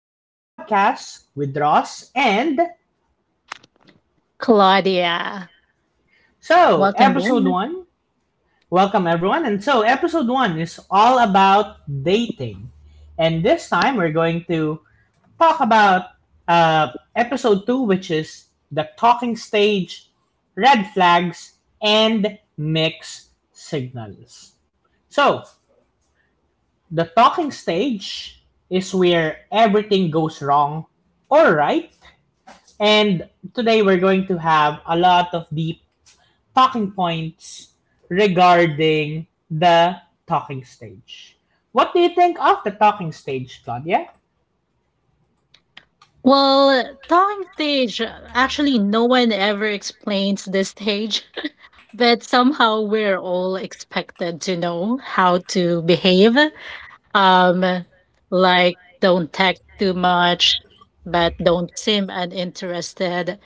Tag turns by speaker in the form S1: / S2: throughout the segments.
S1: our podcast with Ross. And
S2: Claudia,
S1: so,
S2: welcome back.
S1: episode one, welcome, everyone. And so, episode one is all about dating. And this time, we're going to talk about episode two, which is the talking stage, red flags, and mixed signals. So, the talking stage is where everything goes wrong or right. And today we're going to have a lot of deep talking points regarding the talking stage. What do you think of the talking stage, Claudia?
S2: Well, talking stage, actually, no one ever explains this stage, but somehow we're all expected to know how to behave. Um, like, don't text too much, but don't seem uninterested.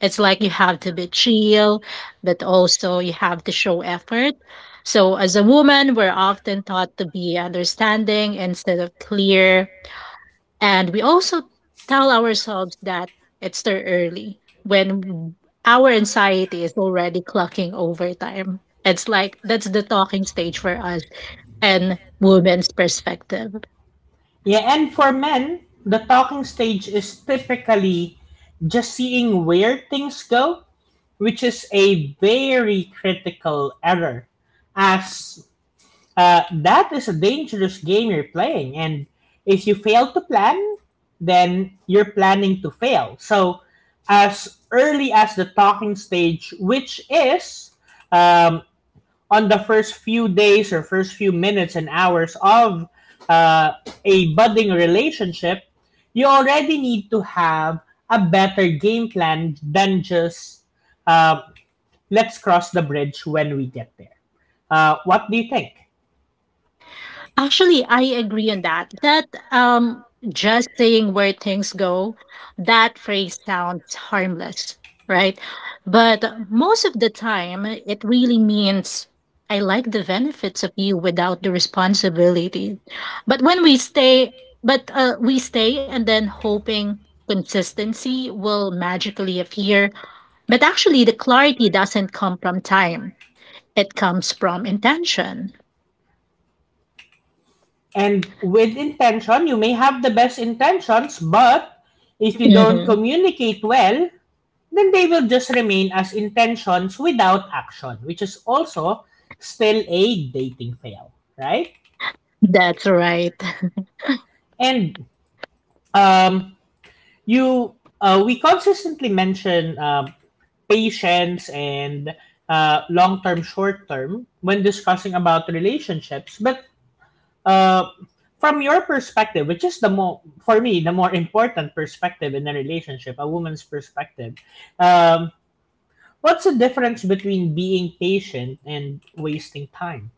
S2: It's like you have to be chill, but also you have to show effort. So, as a woman, we're often taught to be understanding instead of clear. And we also tell ourselves that it's too early when our anxiety is already clocking overtime. It's like that's the talking stage for us and women's perspective.
S1: Yeah, and for men, the talking stage is typically just seeing where things go, which is a very critical error as that is a dangerous game you're playing, and if you fail to plan, then you're planning to fail. So, as early as the talking stage, which is um, on the first few days or first few minutes and hours of uh, a budding relationship, you already need to have a better game plan than just uh, let's cross the bridge when we get there. What do you think?
S2: Actually, I agree on that. That just saying where things go, that phrase sounds harmless, right? But most of the time, it really means I like the benefits of you without the responsibility. But when we stay, but we stay and then hoping consistency will magically appear. But actually, the clarity doesn't come from time. It comes from intention.
S1: And with intention, you may have the best intentions, but if you don't
S2: Hmm.
S1: communicate well, then they will just remain as intentions without action, which is also still a dating fail, right?
S2: That's right.
S1: And um, we consistently mention patience and long term, short term when discussing about relationships, but Uh, from your perspective, which is the more for me the more important perspective in a relationship, a woman's perspective. Um, what's the difference between being patient and wasting time?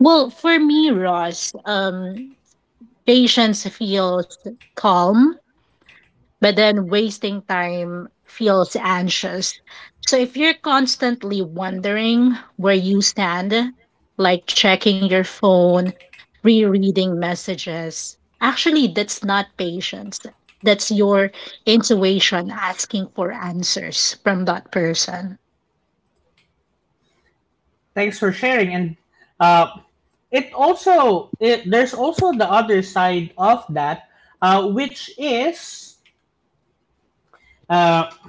S2: Well, for me, Ross, patience feels calm, but then wasting time feels anxious. So if you're constantly wondering where you stand, like checking your phone, rereading messages, actually, that's not patience. That's your intuition asking for answers from that person.
S1: Thanks for sharing. And uh, there's also the other side of that, which is uh,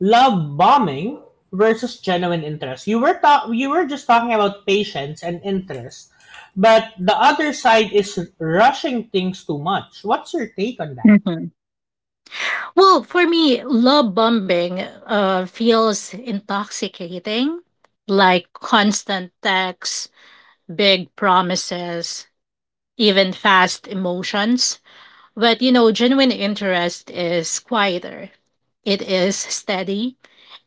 S1: love bombing versus genuine interest. You were just talking about patience and interest, but the other side is rushing things too much. What's your take on that?
S2: Mhm. Well, for me, love bombing feels intoxicating, like constant texts, big promises, even fast emotions. But genuine interest is quieter. It is steady,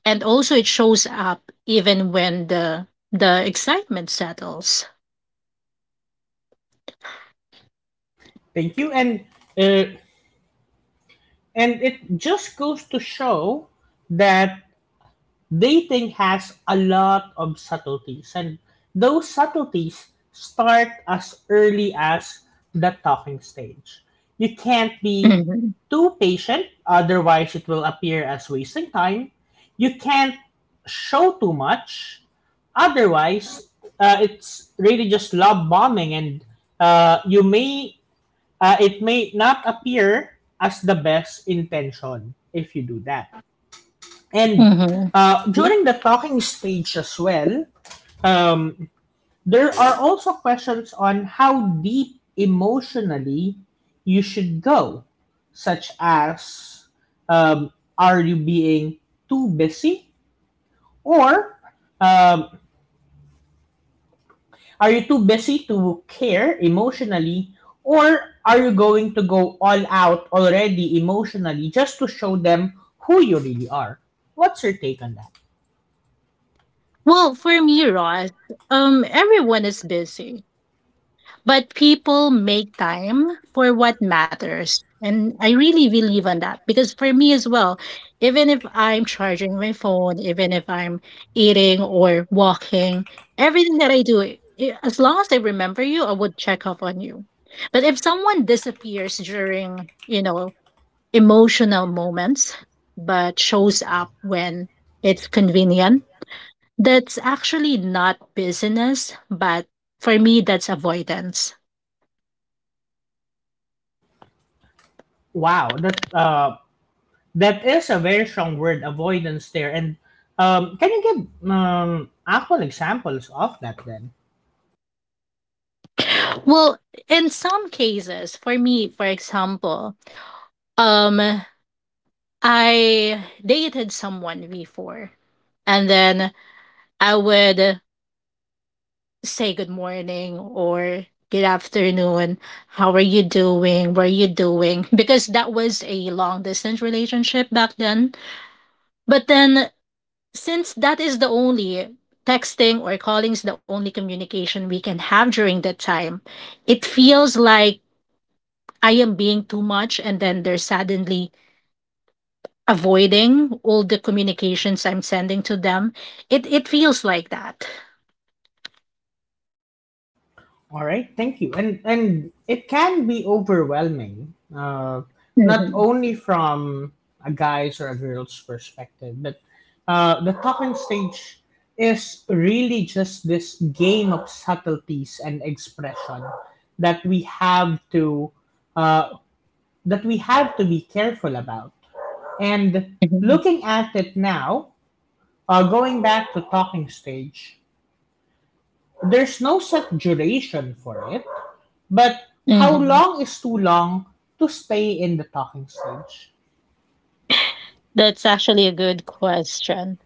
S2: and also it shows up even when the excitement settles.
S1: Thank you. Uh, and it just goes to show that dating has a lot of subtleties and those subtleties start as early as the talking stage. You can't be
S2: Hmm.
S1: too patient, otherwise it will appear as wasting time. You can't show too much, otherwise it's really just love bombing and you may it may not appear as the best intention if you do that. And
S2: Hmm.
S1: uh, during the talking stage as well, um, there are also questions on how deep emotionally you should go, such as um, are you being too busy or um, are you too busy to care emotionally, or are you going to go all out already emotionally just to show them who you really are? What's your take on that?
S2: Well, for me, Ross, everyone is busy. But people make time for what matters. And I really believe on that, because for me as well, even if I'm charging my phone, even if I'm eating or walking, everything that I do, as long as I remember you, I would check up on you. But if someone disappears during emotional moments, but shows up when it's convenient, that's actually not business, but for me, that's avoidance.
S1: Wow, that is a very strong word, avoidance there. And can you give actual examples of that then?
S2: Well, in some cases, for me, for example, um, I dated someone before, and then I would say good morning or good afternoon. How are you doing? What are you doing? Because that was a long distance relationship back then. But then, since that is the only texting or calling is the only communication we can have during that time, it feels like I am being too much and then they're suddenly avoiding all the communications I'm sending to them. It feels like that.
S1: All right, thank you. And it can be overwhelming, not
S2: Mhm,
S1: only from a guy's or a girl's perspective, but the talking stage is really just this game of subtleties and expression that we have to uh, be careful about. And
S2: mhm.
S1: looking at it now, going back to talking stage, there's no set duration for it, but how
S2: Hmm.
S1: long is too long to stay in the talking stage?
S2: That's actually a good question.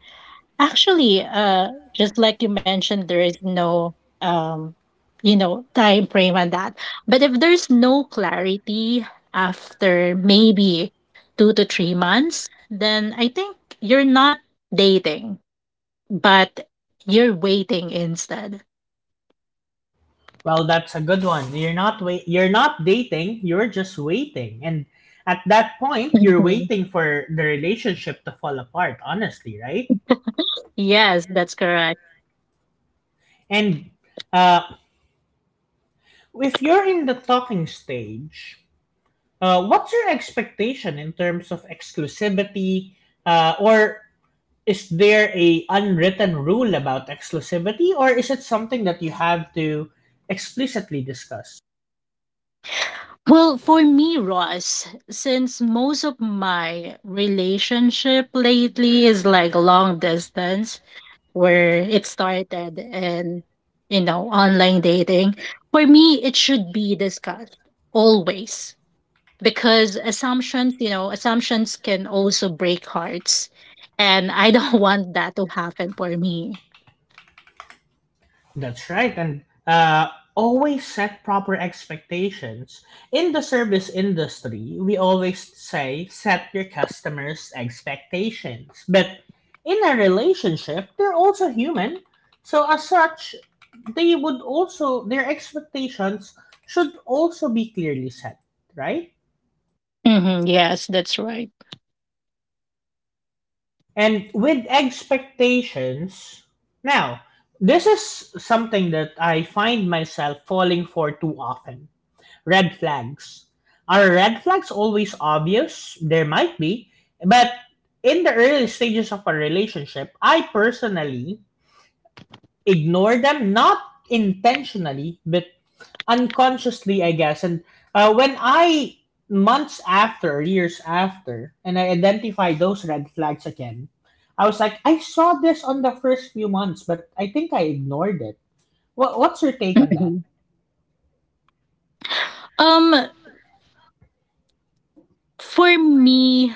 S2: Actually, just like you mentioned, there is no um, time frame on that. But if there's no clarity after maybe 2 to 3 months, then I think you're not dating, but you're waiting instead.
S1: Well, that's a good one. You're not wait. You're not dating. You're just waiting, and at that point, you're
S2: Mhm.
S1: waiting for the relationship to fall apart. Honestly, right?
S2: Yes, that's correct.
S1: And uh, if you're in the talking stage, what's your expectation in terms of exclusivity, or is there a unwritten rule about exclusivity, or is it something that you have to explicitly discuss?
S2: Well, for me, Ross, since most of my relationship lately is like long distance, where it started in online dating, for me, it should be discussed always, because assumptions can also break hearts. And I don't want that to happen for me.
S1: That's right, and always set proper expectations. In the service industry, we always say set your customers' expectations. But in a relationship, they're also human. So as such, they would also their expectations should also be clearly set, right?
S2: Hmm, yes, that's right.
S1: And with expectations, now this is something that I find myself falling for too often. Red flags. Are red flags always obvious? There might be, but in the early stages of a relationship, I personally ignore them, not intentionally, but unconsciously, I guess. And when I months after, or years after, and I identify those red flags again, I was like, I saw this on the first few months, but I think I ignored it. What's your take on
S2: Mhm.
S1: that?
S2: Um, for me,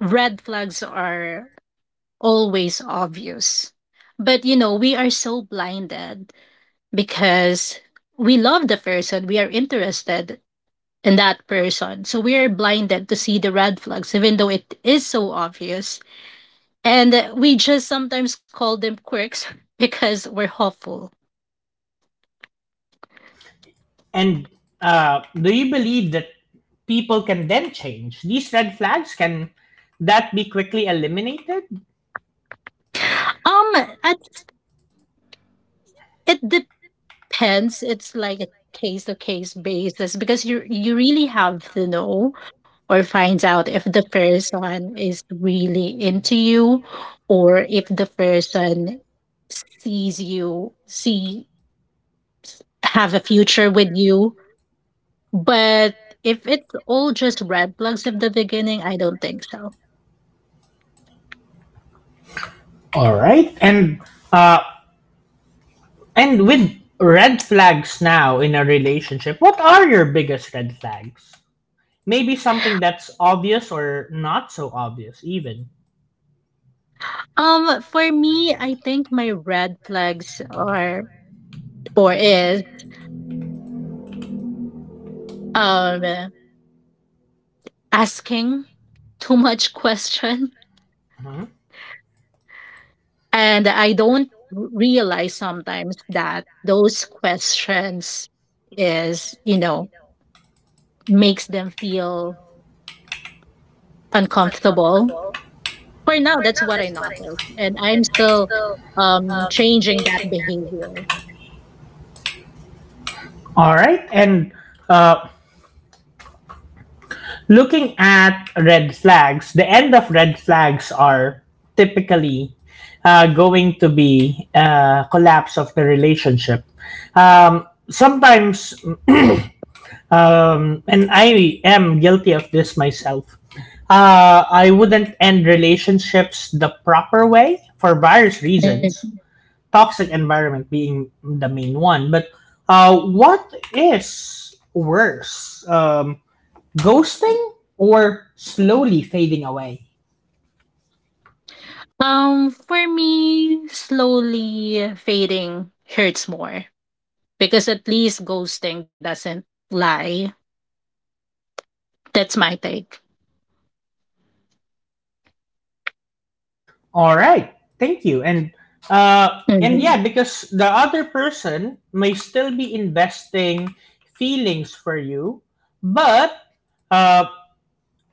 S2: red flags are always obvious. But we are so blinded because we love the person, we are interested in that person. So we are blinded to see the red flags, even though it is so obvious. And we just sometimes call them quirks because we're hopeful.
S1: And do you believe that people can then change? These red flags, can that be quickly eliminated?
S2: Um, I think it depends. It's like a case to case basis because you really have to know or finds out if the person is really into you or if the person sees you see have a future with you. But if it's all just red flags at the beginning, I don't think so.
S1: All right. Uh, and with red flags now in a relationship, what are your biggest red flags? Maybe something that's obvious or not so obvious, even.
S2: For me, I think my red flags are or is um asking too much question.
S1: Mhm.
S2: And I don't realize sometimes that those questions is makes them feel uncomfortable. For now, that's what I noticed. And I'm still changing that behavior.
S1: All right. And uh, looking at red flags, the end of red flags are typically going to be collapse of the relationship. Sometimes, and I am guilty of this myself. I wouldn't end relationships the proper way for various
S2: Mhm.
S1: reasons, toxic environment being the main one. But what is worse? Ghosting or slowly fading away.
S2: For me, slowly fading hurts more because at least ghosting doesn't lie. That's my take.
S1: All right. Thank you. And,
S2: Hmm.
S1: yeah, because the other person may still be investing feelings for you, but uh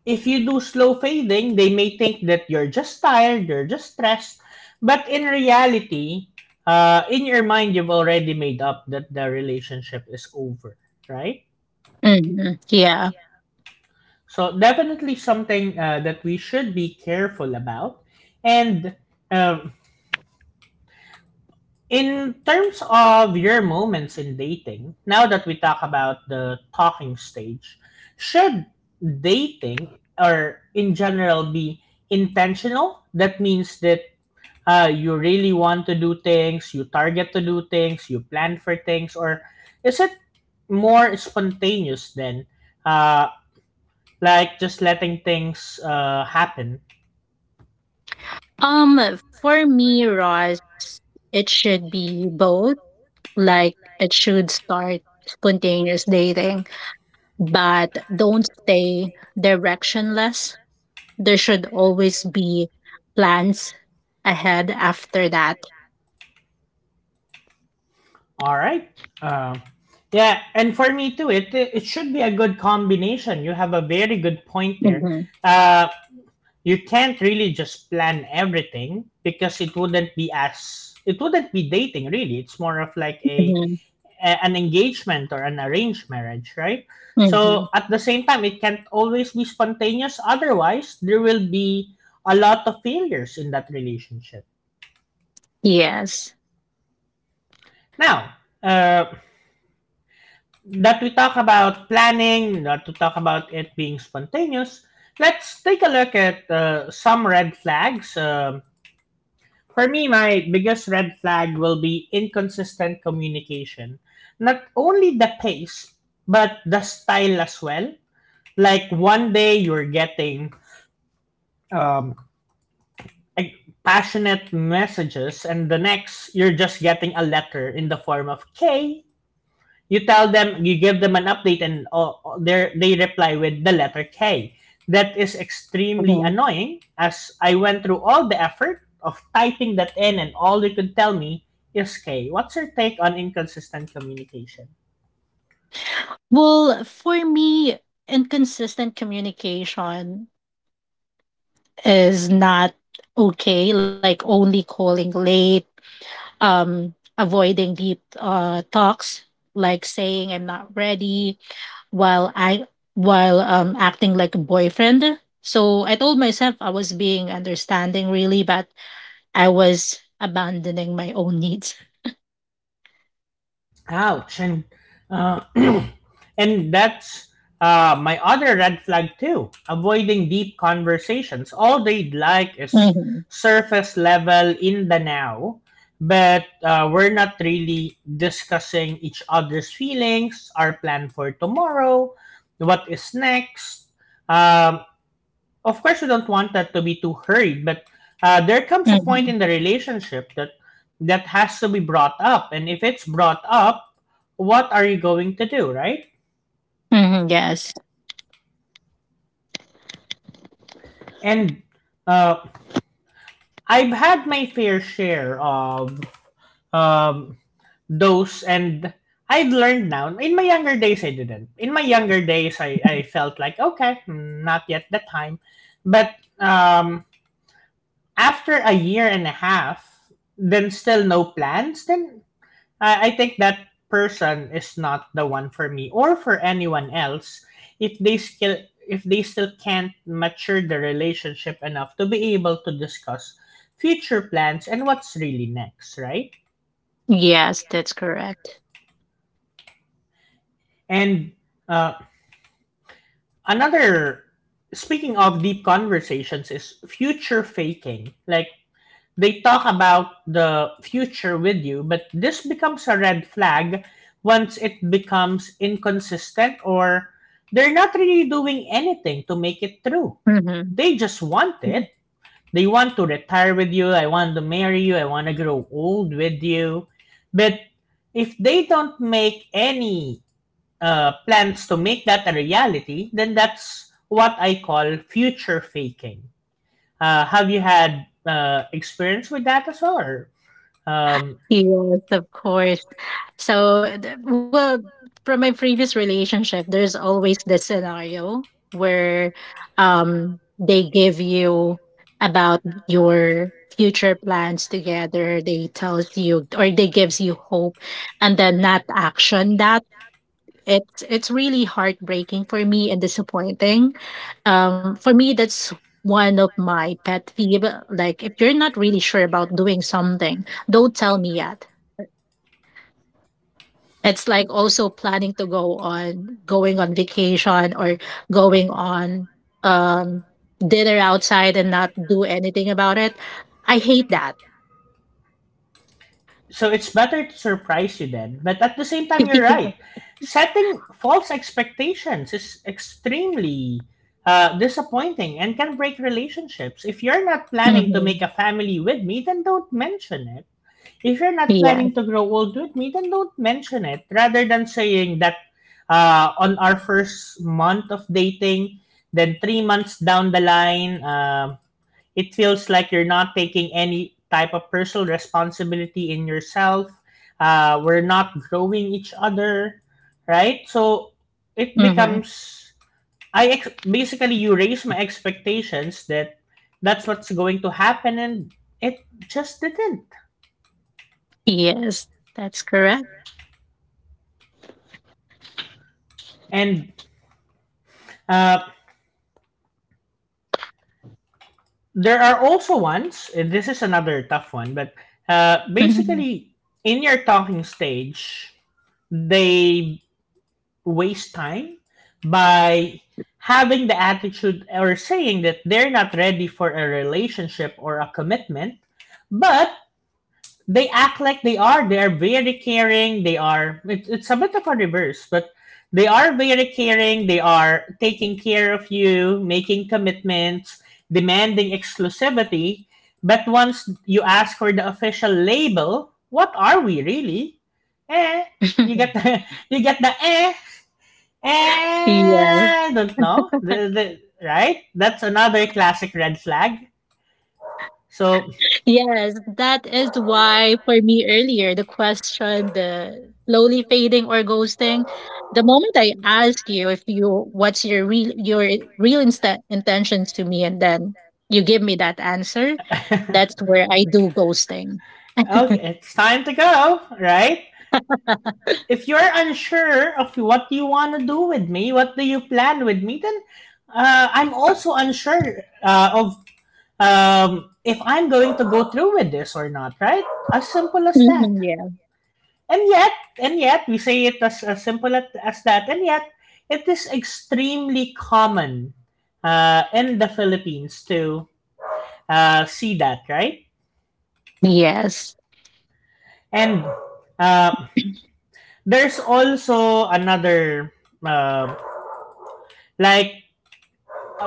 S1: if you do slow fading, they may think that you're just tired, you're just stressed, but in reality, in your mind you've already made up that the relationship is over, right?
S2: Hmm. Yeah.
S1: So definitely something that we should be careful about. And um, in terms of your moments in dating, now that we talk about the talking stage, should dating or in general be intentional? That means that you really want to do things, you target to do things, you plan for things, or is it more spontaneous then? Uh, like just letting things happen.
S2: Um, for me, Ross, it should be both. Like, it should start spontaneous dating, but don't stay directionless. There should always be plans ahead after that.
S1: All right. Uh, yeah, and for me too, it should be a good combination. You have a very good point there.
S2: Mm-hmm.
S1: Uh, you can't really just plan everything because it wouldn't be dating really. It's more of like a,
S2: Mm-hmm.
S1: a- an engagement or an arranged marriage, right?
S2: Mm-hmm.
S1: So at the same time, it can't always be spontaneous. Otherwise, there will be a lot of failures in that relationship.
S2: Yes.
S1: Now, that we talk about planning, not to talk about it being spontaneous, let's take a look at some red flags. For me, my biggest red flag will be inconsistent communication. Not only the pace, but the style as well. Like one day you're getting um, like, passionate messages, and the next you're just getting a letter in the form of K. You tell them, you give them an update, and oh, they reply with the letter K. That is extremely
S2: Hmm.
S1: annoying. As I went through all the effort of typing that in, and all they could tell me is K. What's your take on inconsistent communication?
S2: Well, for me, inconsistent communication is not okay. Like, only calling late, um, avoiding deep talks, like saying I'm not ready, while I while acting like a boyfriend. So I told myself I was being understanding, really, but I was abandoning my own needs.
S1: Ouch. And uh, and that's my other red flag too. Avoiding deep conversations. All they'd like is
S2: Mm-hmm.
S1: surface level in the now, but we're not really discussing each other's feelings, our plan for tomorrow, what is next. Um, of course you don't want that to be too hurried, but there comes a point
S2: Mm-hmm.
S1: in the relationship that that has to be brought up, and if it's brought up, what are you going to do, right?
S2: Hmm. Yes,
S1: And uh, I've had my fair share of um, those, and I've learned now. In my younger days i didn't in my younger days, I felt like okay, not yet the time, but after a year and a half then still no plans, then I think that person is not the one for me or for anyone else if they still can't mature the relationship enough to be able to discuss future plans and what's really next, right?
S2: yes, that's correct.
S1: And uh, another, speaking of deep conversations, is future faking. Like, they talk about the future with you, but this becomes a red flag once it becomes inconsistent or they're not really doing anything to make it true.
S2: Mm-hmm.
S1: They just want it. They want to retire with you. I want to marry you. I want to grow old with you. But if they don't make any plans to make that a reality, then that's what I call future faking. Have you had experience with that as well? Or, um,
S2: Yes, of course. So, well, from my previous relationship, there's always the scenario where they give you about your future plans together. They tells you or they gives you hope and then not action that. It's really heartbreaking for me and disappointing. For me that's one of my pet peeve. Like if you're not really sure about doing something, don't tell me yet. It's like also planning to go on going on vacation or going on um dinner outside and not do anything about it. I hate that.
S1: so it's better to surprise you then. But at the same time, you're right. Setting false expectations is extremely disappointing and can break relationships. If you're not planning to
S2: Mhm.
S1: make a family with me, then don't mention it. If you're not
S2: Yes.
S1: planning to grow old with me, then don't mention it. Rather than saying that on our first month of dating, then 3 months down the line, it feels like you're not taking any type of personal responsibility in yourself. We're not growing each other, right? So it
S2: Hmm.
S1: becomes I ex- basically you raise my expectations that that's what's going to happen, and it just didn't.
S2: Yes. That's correct.
S1: And uh, there are also ones, and this is another tough one, but
S2: Mhm.
S1: basically, in your talking stage, they waste time by having the attitude or saying that they're not ready for a relationship or a commitment, but they act like they are. They are very caring. They are, it's a bit of a reverse, but they are very caring. They are taking care of you, making commitments, demanding exclusivity. But once you ask for the official label, what are we really? Eh, you get the, you get the
S2: Yes.
S1: I don't know. Right? That's another classic red flag. So,
S2: Yes, that is why for me earlier, the question, the slowly fading or ghosting, the moment I ask you if you what's your real your real intentions to me, and then you give me that answer, that's where I do ghosting.
S1: okay, it's time to go, right? If you're unsure of what you want to do with me, what do you plan with me, then I'm also unsure of if I'm going to go through with this or not, right? As simple as that.
S2: Mhm, yeah.
S1: And yet, and yet, we say it as simple as that, and yet, it is extremely common in the Philippines to see that, right?
S2: Yes.
S1: And uh, there's also another, uh, like,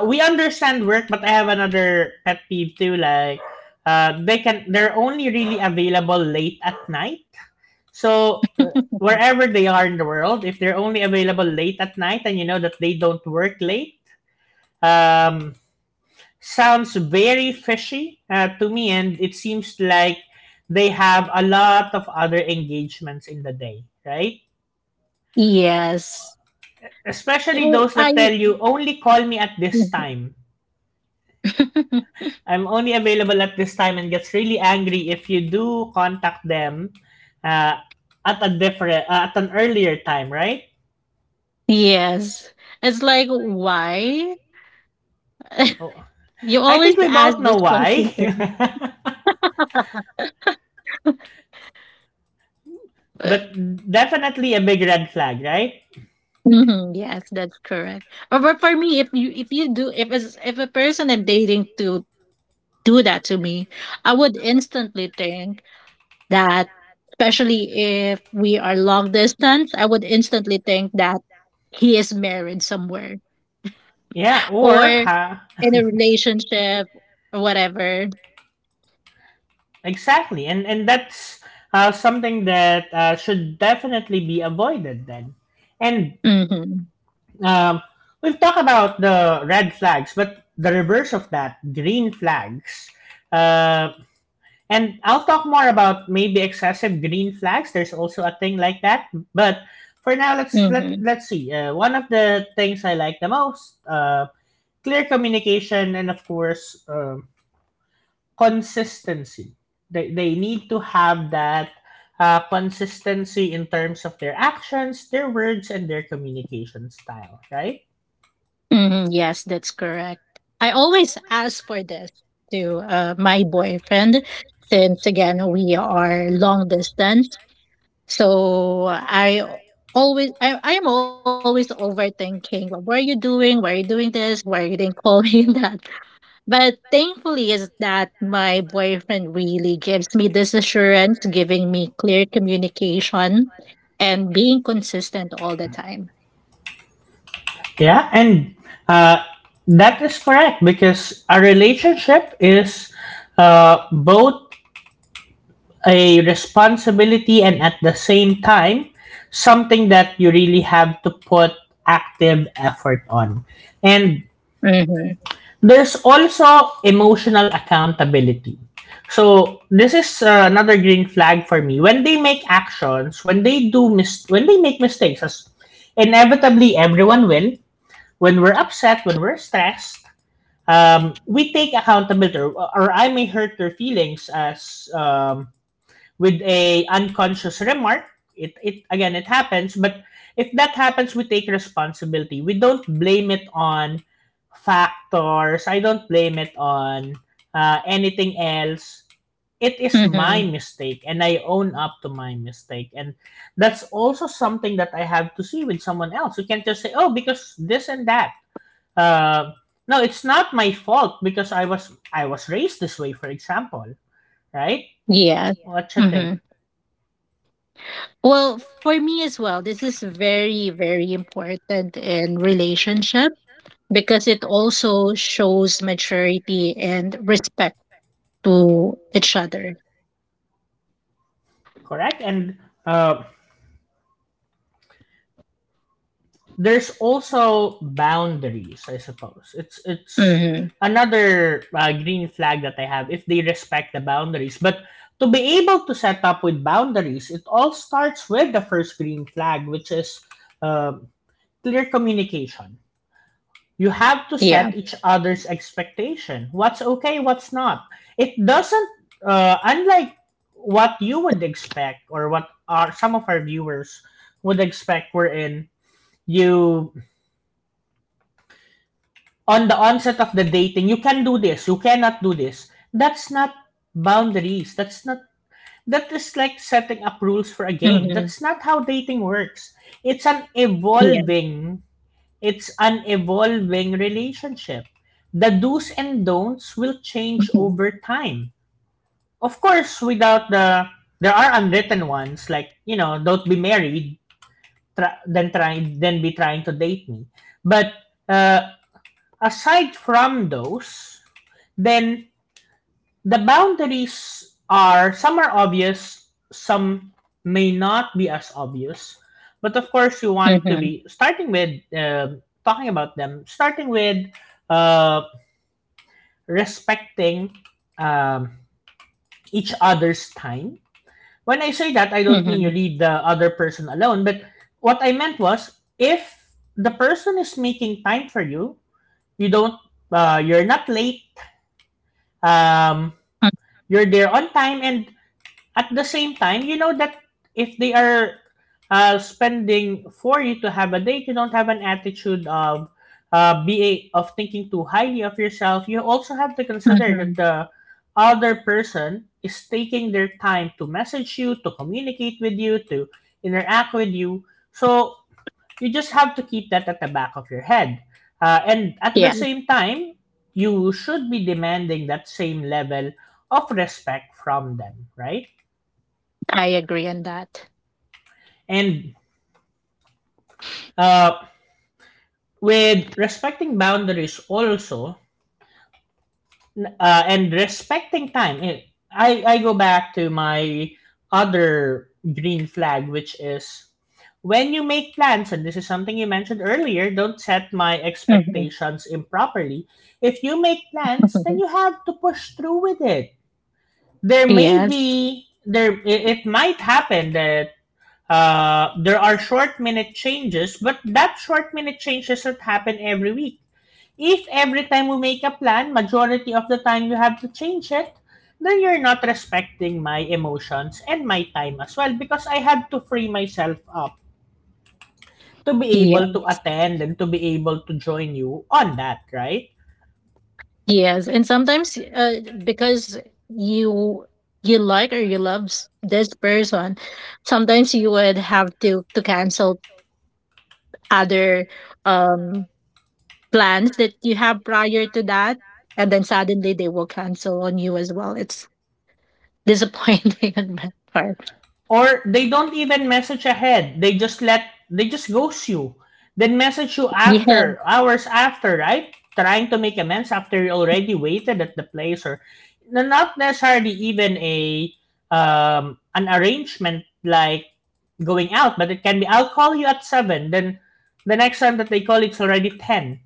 S1: we understand work, but I have another pet peeve too, like, they're only really available late at night. So wherever they are in the world, if they're only available late at night and you know that they don't work late, um, sounds very fishy to me, and it seems like they have a lot of other engagements in the day, right?
S2: Yes.
S1: Especially
S2: Oh,
S1: those
S2: I
S1: that tell you only call me at this time. I'm only available at this time, and gets really angry if you do contact them uh, at a different at an earlier time, right?
S2: yes. It's like why?
S1: Oh.
S2: You
S1: I
S2: always
S1: think we
S2: ask
S1: both know
S2: this
S1: why.
S2: question to me.
S1: But definitely a big red flag, right?
S2: Mhm, yes, that's correct. But for me, if you do if as if a person I'm dating to do that to me, I would instantly think that, especially if we are long distance, I would instantly think that he is married somewhere
S1: Yeah,
S2: or
S1: or
S2: in
S1: ha
S2: a relationship or whatever.
S1: exactly. And that's something that should definitely be avoided then. And
S2: Mm-hmm.
S1: um, we've talked about the red flags, but the reverse of that, green flags, uh, and I'll talk more about maybe excessive green flags. There's also a thing like that. But for now, let's let
S2: Mm-hmm.
S1: let's see. One of the things I like the most: clear communication and of course consistency. They need to have that consistency in terms of their actions, their words, and their communication style. Right?
S2: Mhm, yes, that's correct. I always ask for this to my boyfriend, since again we are long distance. So I am always overthinking what are you doing? Why are you doing this? Why you didn't call me that? But thankfully is that my boyfriend really gives me this assurance, giving me clear communication and being consistent all the time.
S1: Yeah. And uh, that is correct because a relationship is both a responsibility and at the same time something that you really have to put active effort on. And
S2: Mhm.
S1: there's also emotional accountability. So this is another green flag for me. When they make actions, when when they make mistakes, as inevitably everyone will, when we're upset, when we're stressed, we take accountability, or I may hurt their feelings as with a unconscious remark. It again it happens, but if that happens we take responsibility. We don't blame it on factors. I don't blame it on anything else. It is my
S2: Mhm.
S1: mistake and I own up to my mistake, and that's also something that I have to see with someone else. You can't just say, oh, because this and that, uh, no, it's not my fault because I was raised this way, for example, right?
S2: Yes.
S1: What you think?
S2: Mhm. Well, for me as well, this is very, very important in relationship because it also shows maturity and respect to each other.
S1: Correct. And uh, there's also boundaries. I suppose it's
S2: Mhm.
S1: another green flag that I have if they respect the boundaries. But to be able to set up with boundaries, it all starts with the first green flag, which is uh, clear communication. You have to
S2: Yeah.
S1: set each other's expectation, what's okay, what's not. It doesn't unlike what you would expect or what some of our viewers would expect, wherein you on the onset of the dating, you can do this, you cannot do this, that's not boundaries, that's not, that is
S2: Mhm.
S1: like setting up rules for a game. That's not how dating
S2: Yeah.
S1: works. It's an evolving, it's an evolving relationship. The do's and don'ts
S2: Mhm.
S1: will change over time. Of course without the, there are unwritten ones like, you know, don't be married, try then be trying to date me. But uh, aside from those, then the boundaries, are some are obvious, some may not be as obvious, but of course you want
S2: Mhm.
S1: to be starting with talking about them, starting with uh, respecting um, each other's time. When I say that, I don't mean
S2: Mhm.
S1: you leave the other person alone, but what I meant was if the person is making time for you, you don't, you're not late. Um, you're there on time and at the same time you know that if they are spending for you to have a date, you don't have an attitude of of thinking too highly of yourself. You also have to consider that
S2: Mhm.
S1: the other person is taking their time to message you, to communicate with you, to interact with you, so you just have to keep that at the back of your head. And at the
S2: Yeah,
S1: same time, you should be demanding that same level of respect from them, right?
S2: I agree on that.
S1: And uh, with respecting boundaries also, and respecting time, I go back to my other green flag, which is when you make plans, and this is something you mentioned earlier, don't set my
S2: Mhm.
S1: expectations improperly. If you make plans, then you have to push through with it. There may
S2: Yes.
S1: be there it might happen that there are short minute changes, but that short minute change doesn't happen every week. If every time we make a plan, majority of the time you have to change it, then you're not respecting my emotions and my time as well, because I had to free myself up to be able
S2: Yeah.
S1: to attend and to be able to join you on that, right?
S2: Yes, and sometimes because you you like or you love this person, sometimes you would have to cancel other um plans that you have prior to that, and then suddenly they will cancel on you as well. It's disappointing on that part.
S1: Or they don't even message ahead. They just ghost you. Then message you
S2: Yeah.
S1: after hours after, right? Trying to make amends after you already waited at the place or not necessarily even a an arrangement like going out, but it can be I'll call you at seven, then the next time that they call it's already ten.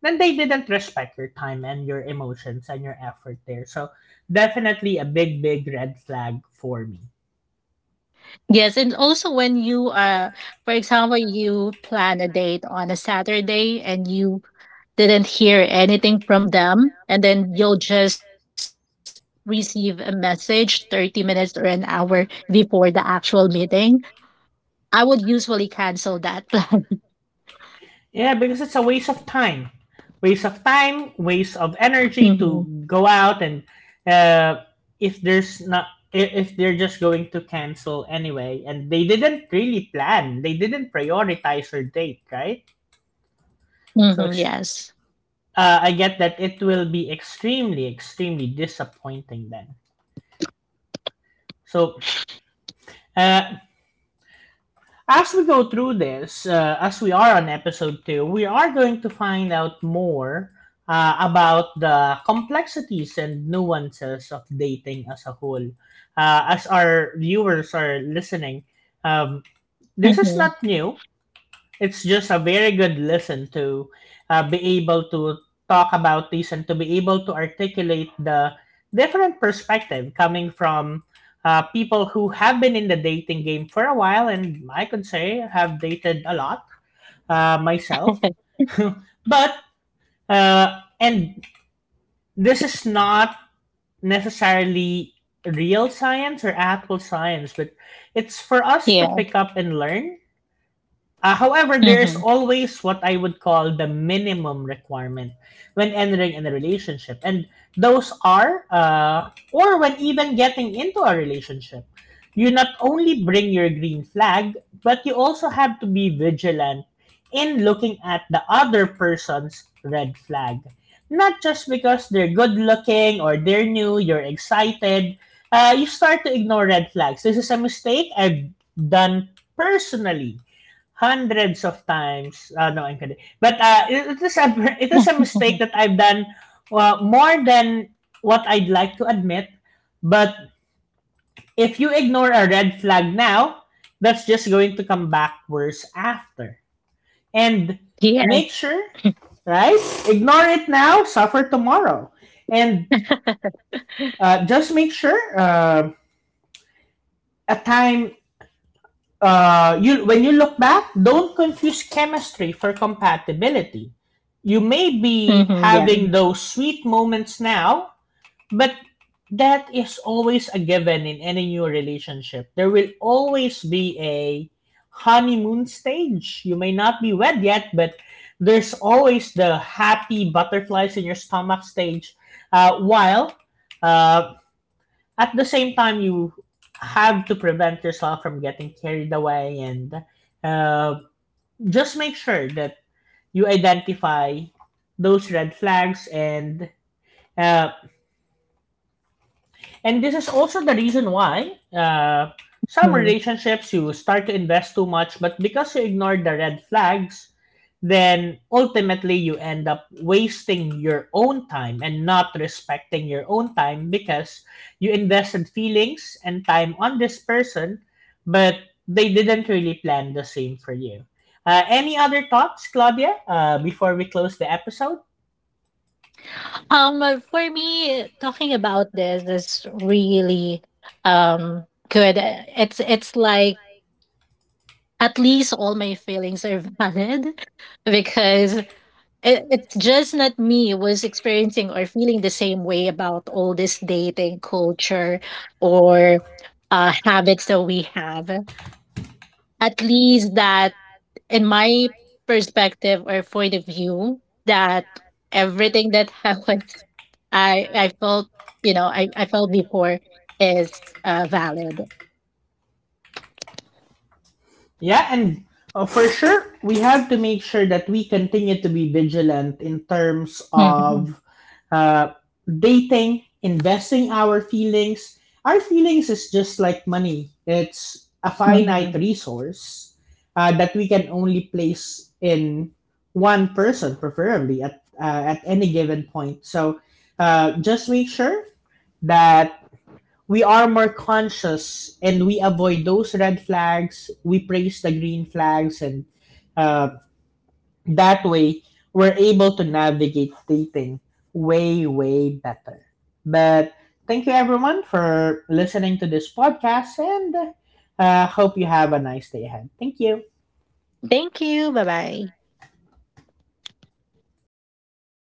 S1: Then they didn't respect your time and your emotions and your effort there. So definitely a big, big red flag for me.
S2: Yes, and also when you for example you plan a date on a Saturday and you didn't hear anything from them, and then you'll just receive a message 30 minutes or an hour before the actual meeting. I would usually cancel that plan.
S1: Yeah, because it's a waste of time, waste of time, waste
S2: Hmm.
S1: of energy to go out and uh, if there's not, if they're just going to cancel anyway, and they didn't really plan, they didn't prioritize your date, right?
S2: Hmm.
S1: So
S2: Yes.
S1: ex- uh, I get that it will be extremely, extremely disappointing then. So, uh, as we go through this, as we are on episode two, we are going to find out more about the complexities and nuances of dating as a whole. As our viewers are listening, um, this is
S2: Hmm.
S1: not new. It's just a very good listen to be able to talk about this and to be able to articulate the different perspective coming from people who have been in the dating game for a while, and I could say have dated a lot myself. But, and this is not necessarily real science or actual science, but it's for us to
S2: Yeah.
S1: pick up and learn. However, there is
S2: Hmm.
S1: always what I would call the minimum requirement when entering in a relationship, and those are, or when even getting into a relationship, you not only bring your green flag, but you also have to be vigilant in looking at the other person's red flag. Not just because they're good looking or they're new, you're excited, you start to ignore red flags. This is a mistake I've done personally hundreds of times. No, I'm kidding. But it is a it is a mistake that I've done more than what I'd like to admit. But if you ignore a red flag now, that's just going to come back worse after. And
S2: Yeah.
S1: make sure, right? Ignore it now, suffer tomorrow. And just make sure a time you, when you look back, don't confuse chemistry for compatibility. You may be
S2: Hmm. Yeah.
S1: having those sweet moments now, but that is always a given in any new relationship. There will always be a honeymoon stage. You may not be wed yet, but there's always the happy butterflies in your stomach stage. While uh, at the same time you have to prevent yourself from getting carried away and uh, just make sure that you identify those red flags, uh, and this is also the reason why some
S2: Mhm.
S1: relationships you start to invest too much, but because you ignore the red flags, then ultimately you end up wasting your own time and not respecting your own time because you invested feelings and time on this person, but they didn't really plan the same for you. Any other thoughts, Claudia, before we close the episode?
S2: For me, talking about this is really um good. It's like at least all my feelings are valid because it's just not me was experiencing or feeling the same way about all this dating culture or habits that we have. At least that, in my perspective or point of view, that everything that I I felt before is valid.
S1: Yeah, and for sure, we have to make sure that we continue to be vigilant in terms
S2: Mhm.
S1: of uh, dating, investing our feelings. Our feelings is just like money, it's a finite
S2: Mhm.
S1: resource that we can only place in one person, preferably at any given point. So just make sure that we are more conscious and we avoid those red flags. We praise the green flags, and uh, that way we're able to navigate dating way, way better. But thank you everyone for listening to this podcast, and hope you have a nice day ahead. Thank you.
S2: Thank you. Bye bye.